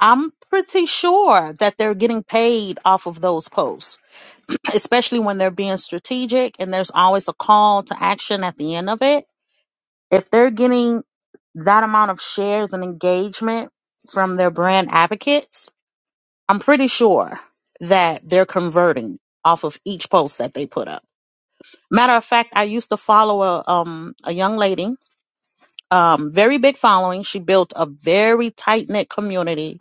I'm pretty sure that they're getting paid off of those posts especially when they're being strategic and there's always a call to action at the end of it. If they're getting that amount of shares and engagement from their brand advocates, I'm pretty sure that they're converting off of each post that they put up. Matter of fact, I used to follow a um a young lady, um very big following. She built a very tight knit community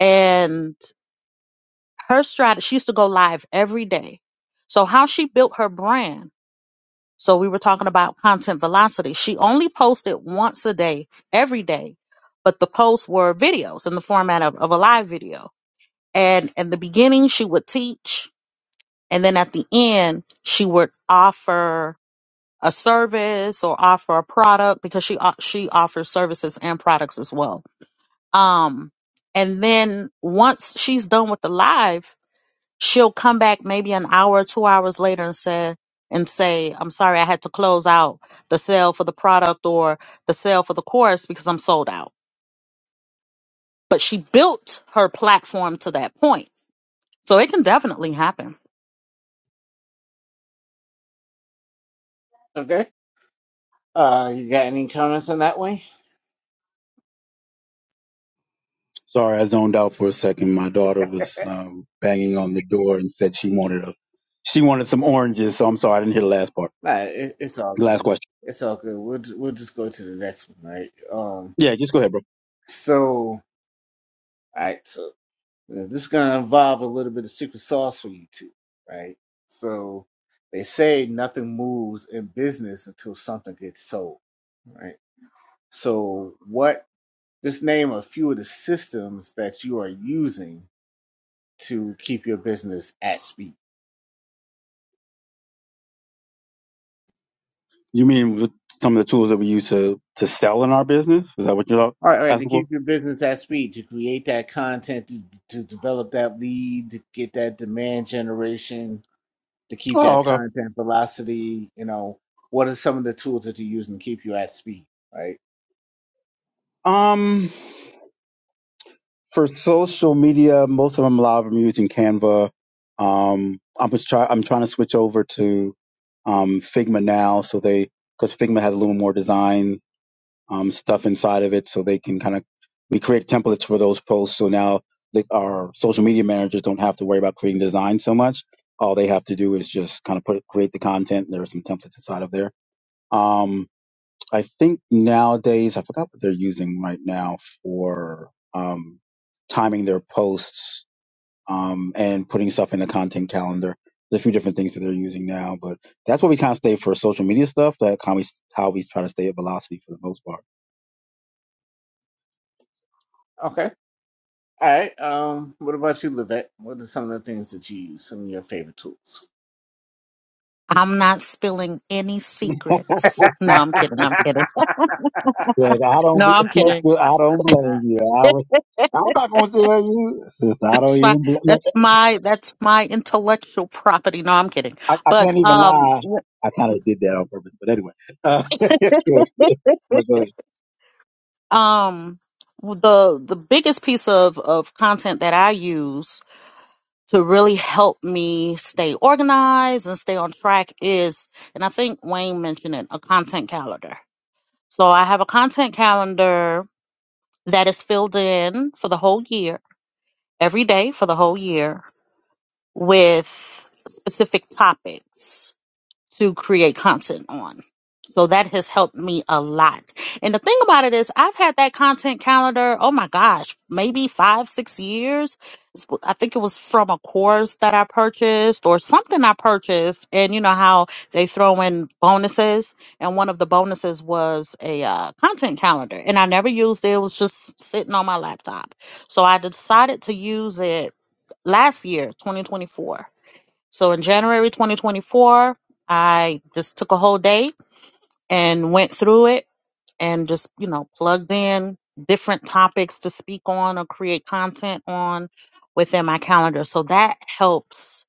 and her strategy she used to go live every day. So how she built her brand So we were talking about content velocity. She only posted once a day, every day, but the posts were videos in the format of, of a live video. And in the beginning, she would teach. And then at the end, she would offer a service or offer a product because she, o- she offers services and products as well. Um, and then once she's done with the live, she'll come back maybe an hour, two hours later and say, and say, I'm sorry, I had to close out the sale for the product or the sale for the course because I'm sold out. But she built her platform to that point. So it can definitely happen.
Okay. Uh, you got any comments on that one?
Sorry, I zoned out for a second. My daughter was um, banging on the door and said she wanted a she wanted some oranges. So I'm sorry, I didn't hear the last part.
Nah, it, it's all
The last
good.
question.
It's all good. We'll ju- we'll just go to the next one, right? Um.
Yeah, just go ahead, bro.
So, all right. So uh, this is gonna involve a little bit of secret sauce for you two, right? So they say nothing moves in business until something gets sold, right? So, what just name a few of the systems that you are using to keep your business at speed.
You mean with some of the tools that we use to to sell in our business? Is that what you're
All right, all right, to
asking for?
keep your business at speed, to create that content, to, to develop that lead, to get that demand generation, to keep
Oh,
that
okay.
content velocity, you know, what are some of the tools that you use to keep you at speed, right?
Um, for social media, most of them a lot of them using Canva. Um, I'm just try. I'm trying to switch over to um Figma now, so they because Figma has a little more design um stuff inside of it, so they can kind of we create templates for those posts. So now they, our social media managers don't have to worry about creating design so much. All they have to do is just kind of put create the content. There are some templates inside of there Um, I think nowadays, I forgot what they're using right now for um, timing their posts um, and putting stuff in the content calendar. There's a few different things that they're using now, but that's what we kind of stay for social media stuff. That kind of how we try to stay at velocity for the most part.
Okay. All right. Um, what about you, Levette? What are some of the things that you use, some of your favorite tools?
I'm not spilling any secrets. No, I'm kidding. I'm kidding.
Look, I don't,
No, I'm kidding.
bl- I don't blame you. I was, I'm not going to tell you, sister. I don't
That's my
even, bl- look,
that's my that's my intellectual property. No, I'm kidding.
I, I
But
can't even
um
lie.
w-
I kind of did that on purpose, but anyway. Uh, but go ahead.
um the the biggest piece of of content that I use to really help me stay organized and stay on track is, and I think Wayne mentioned it, a content calendar. So I have a content calendar that is filled in for the whole year, every day for the whole year with specific topics to create content on. So that has helped me a lot. And the thing about it is, I've had that content calendar, oh my gosh, maybe five, six years. It's- I think it was from a course that I purchased or something I purchased. And you know how they throw in bonuses. And one of the bonuses was a uh, content calendar. And I never used it, it was just sitting on my laptop. So I decided to use it last year, 2024 so in January 2024, I just took a whole day and went through it and just, you know, plugged in different topics to speak on or create content on within my calendar. So that helps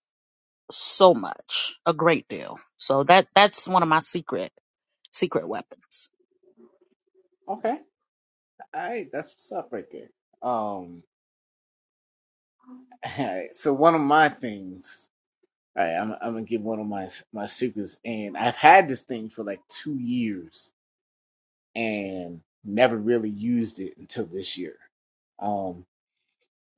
so much, a great deal. So that that's one of my secret secret weapons.
okay. All right, that's what's up right there. Um, All right, so one of my things. All right, I'm, I'm gonna give one of my my secrets, and I've had this thing for like two years and never really used it until this year. Um,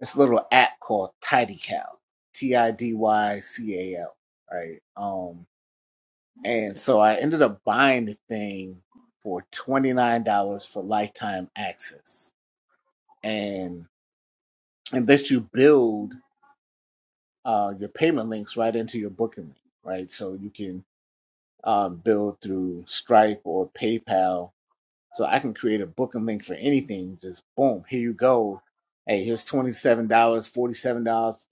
it's a little app called TidyCal, T I D Y C A L. Right. Um, and so I ended up buying the thing for twenty nine dollars for lifetime access, and and that you build uh, your payment links right into your booking link, right? So you can um, billed through Stripe or PayPal. So I can create a booking link for anything. Just boom, here you go. Hey, here's $27, dollars, $47,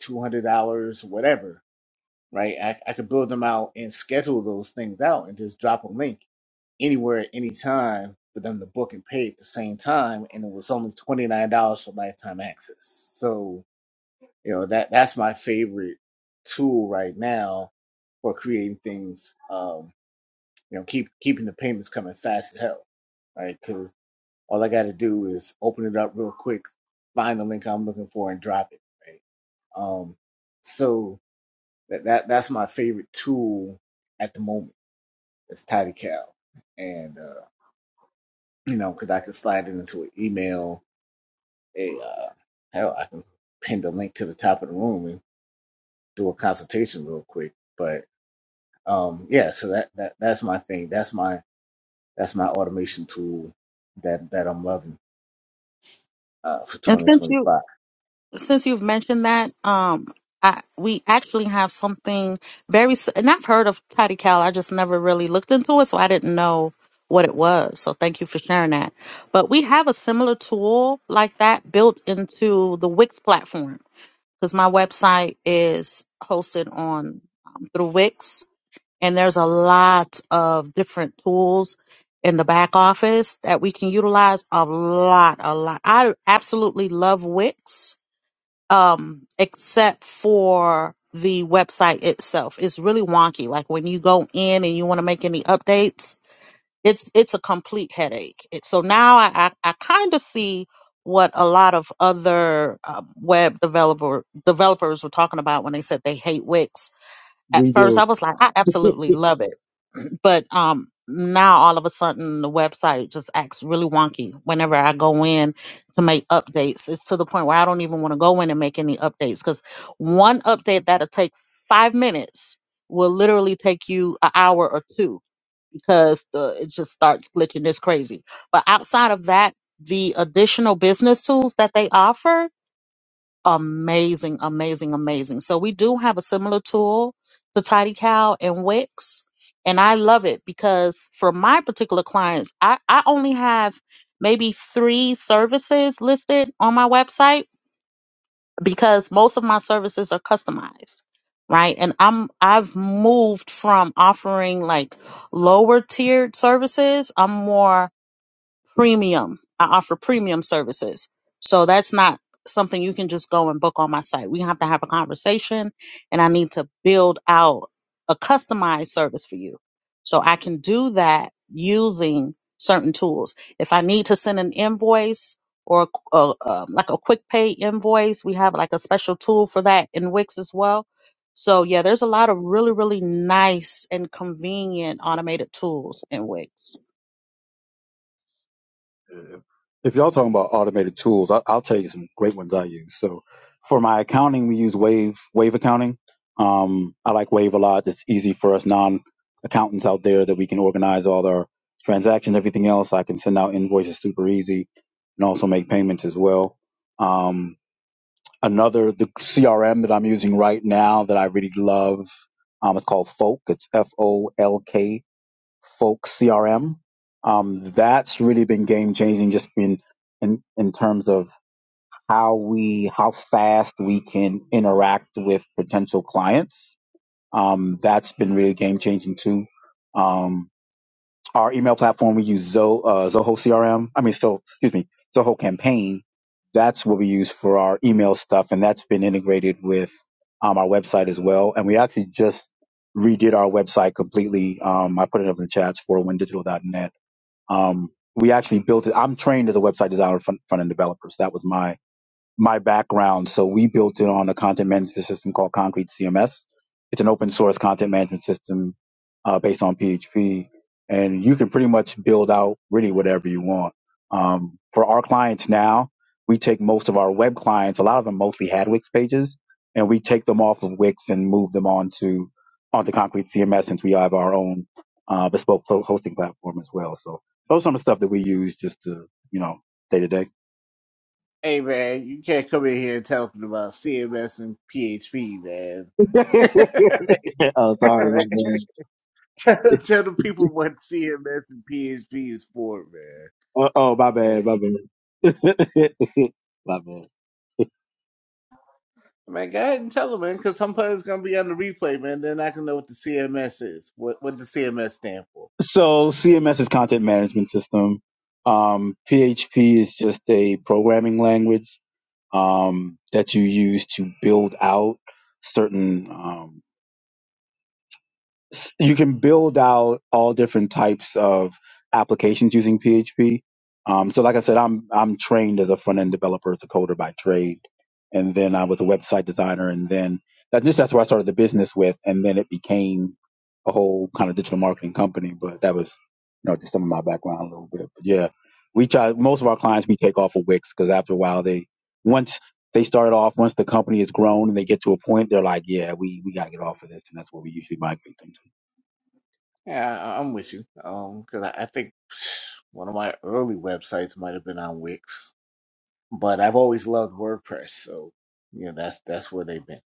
$200, whatever, right? I, I could build them out and schedule those things out and just drop a link anywhere at any time for them to book and pay at the same time. And it was only $29 for lifetime access. So, you know, that that's my favorite tool right now for creating things um, you know, keep keeping the payments coming fast as hell, right? Because all I got to do is open it up real quick, find the link I'm looking for, and drop it. Right? Um, so that, that that's my favorite tool at the moment. It's TidyCal, and uh, you know, because I can slide it into an email. A uh, hell, I can pin the link to the top of the room and do a consultation real quick. But um, yeah, so that, that that's my thing. That's my that's my automation tool that that I'm loving uh, for
And since you
2025.
since you've mentioned that, um, I, we actually have something very, s- and I've heard of Tidy Cal. I just never really looked into it, so I didn't know what it was. So thank you for sharing that. But we have a similar tool like that built into the Wix platform because my website is hosted on um, through Wix, and there's a lot of different tools in the back office that we can utilize. A lot, a lot. I absolutely love Wix um except for the website itself it's really wonky like when you go in and you want to make any updates it's it's a complete headache it, so now i i, I kind of see what a lot of other um, web developer developers were talking about when they said they hate wix at
We
first i
do.
was like i absolutely love it but um now all of a sudden the website just acts really wonky whenever i go in to make updates it's to the point where i don't even want to go in and make any updates because one update that'll take five minutes will literally take you an hour or two because the it just starts glitching It's crazy but outside of that the additional business tools that they offer amazing, amazing, amazing. So we do have a similar tool to Tidy Cow and Wix. And I love it because for my particular clients, I, I only have maybe three services listed on my website because most of my services are customized. Right. And I'm I've moved from offering like lower tiered services. I'm more premium. I offer premium services. So that's not something you can just go and book on my site. We have to have a conversation and I need to build out a customized service for you. So I can do that using certain tools. If I need to send an invoice or a, a, um, like a quick pay invoice, we have like a special tool for that in Wix as well. So yeah, there's a lot of really, really nice and convenient automated tools in Wix.
if y'all talking about automated tools, I, I'll tell you some great ones I use. So for my accounting, we use Wave, Wave accounting. Um, I like Wave a lot. It's easy for us non accountants out there that we can organize all our transactions, everything else. I can send out invoices super easy and also make payments as well. Um, another, the CRM that I'm using right now that I really love, um, it's called Folk. It's F O L K folk CRM. Um, that's really been game changing just in, in, in terms of how we, how fast we can interact with potential clients. Um, that's been really game changing too. Um, our email platform, we use Zo, uh, Zoho CRM. I mean, so, excuse me, Zoho campaign. That's what we use for our email stuff. And that's been integrated with, um, our website as well. And we actually just redid our website completely. Um, I put it up in the chats for win digital dot net. Um, we actually built it. I'm trained as a website designer, front, front end developer. So that was my my background. So we built it on a content management system called Concrete CMS. It's an open source content management system uh, based on PHP, and you can pretty much build out really whatever you want. Um, for our clients now, we take most of our web clients, a lot of them mostly had Wix pages, and we take them off of Wix and move them onto onto Concrete CMS since we have our own uh, bespoke hosting platform as well. So those are some of the stuff that we use just to you know day to day.
Hey man, you can't come in here and talking about CMS and PHP, man.
oh, sorry, my
tell,
bad.
tell the people what CMS and PHP is for, man.
Oh, oh, my bad,
Right.
my bad. my bad.
Man, go ahead and tell them, man, because somebody's gonna be on the replay, man. Then I can know what the CMS is, what what the CMS stand for.
So CMS is content management system. Um, PHP is just a programming language um, that you use to build out certain. um, you can build out all different types of applications using PHP. Um, so, like I said, I'm I'm trained as a front end developer, as a coder by trade, and then I was a website designer, and then that just that's where I started the business with, and then it became a whole kind of digital marketing company. But that was, you know, just some of my background a little bit. But yeah, we try most of our clients we take off of Wix because after a while they once they started off once the company has grown and they get to a point they're like, yeah, we we gotta get off of this, and that's where we usually migrate them to.
Yeah, I, I'm with you. Um, because I, I think. One of my early websites might have been on Wix, but I've always loved WordPress, so you know that's that's where they've been.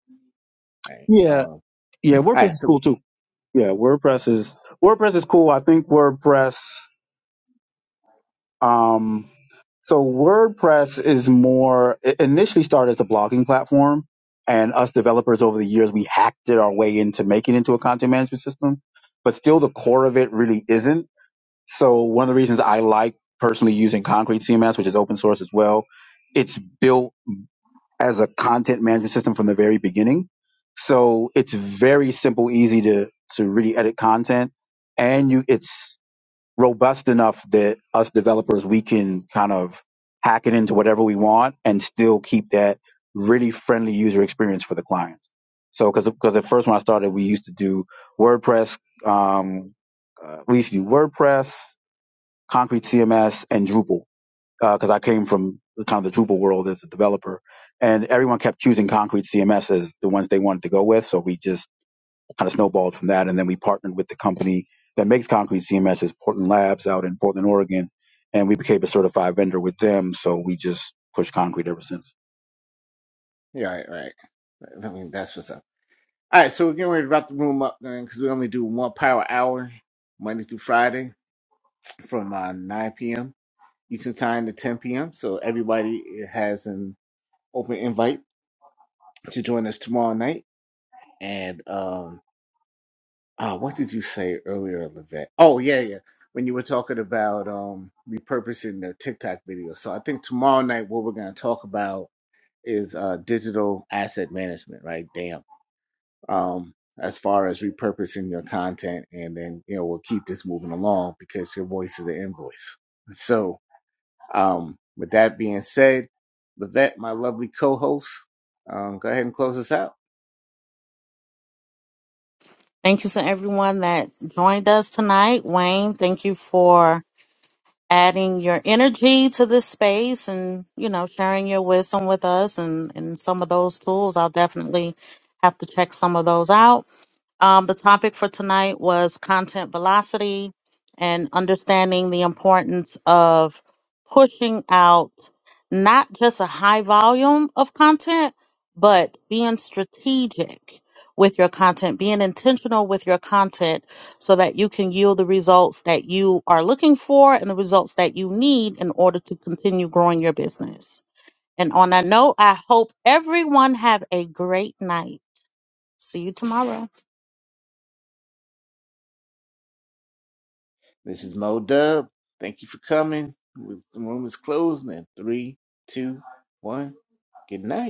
Right. Um.
Yeah,
All
yeah, WordPress
right.
is
So
cool
we-
too. Yeah, WordPress is WordPress is cool. I think WordPress um so WordPress is more it initially started as a blogging platform and us developers over the years we hacked it our way into making it into a content management system, but still the core of it really isn't. So one of the reasons I like personally using Concrete CMS, which is open source as well, it's built as a content management system from the very beginning. So it's very simple, easy to to really edit content, and you it's robust enough that us developers we can kind of hack it into whatever we want and still keep that really friendly user experience for the clients. So because because at first when I started, we used to do WordPress, um, uh, we used to do WordPress, Concrete CMS, and Drupal because I came from the kind of the Drupal world as a developer, and everyone kept choosing Concrete CMS as the ones they wanted to go with. So we just kind of snowballed from that, and then we partnered with the company that makes Concrete CMS, is Portland Labs out in Portland, Oregon, and we became a certified vendor with them. So we just pushed Concrete ever since.
yeah. All right. All right. I mean, that's what's up. All right. So we're getting ready to wrap the room up, man, because we only do one power hour Monday through Friday from uh, 9 p.m. Eastern Time to 10 p.m. So everybody has an open invite to join us tomorrow night, and um. Uh, what did you say earlier, Levette? Oh, yeah, yeah. When you were talking about um, repurposing their TikTok video. So I think tomorrow night, what we're going to talk about is uh, digital asset management, right? Damn. Um, as far as repurposing your content, and then, you know, we'll keep this moving along because your voice is an invoice. So, um, with that being said, Levette, my lovely co host, um, go ahead and close us out.
Thank you to everyone that joined us tonight. Wayne, thank you for adding your energy to this space and, you know, sharing your wisdom with us and, and some of those tools. I'll definitely have to check some of those out. Um, the topic for tonight was content velocity and understanding the importance of pushing out not just a high volume of content, but being strategic with your content, being intentional with your content so that you can yield the results that you are looking for and the results that you need in order to continue growing your business. And on that note, I hope everyone have a great night. See you tomorrow.
This is Mo Dub. Thank you for coming. The room is closing in three, two, one. Good night.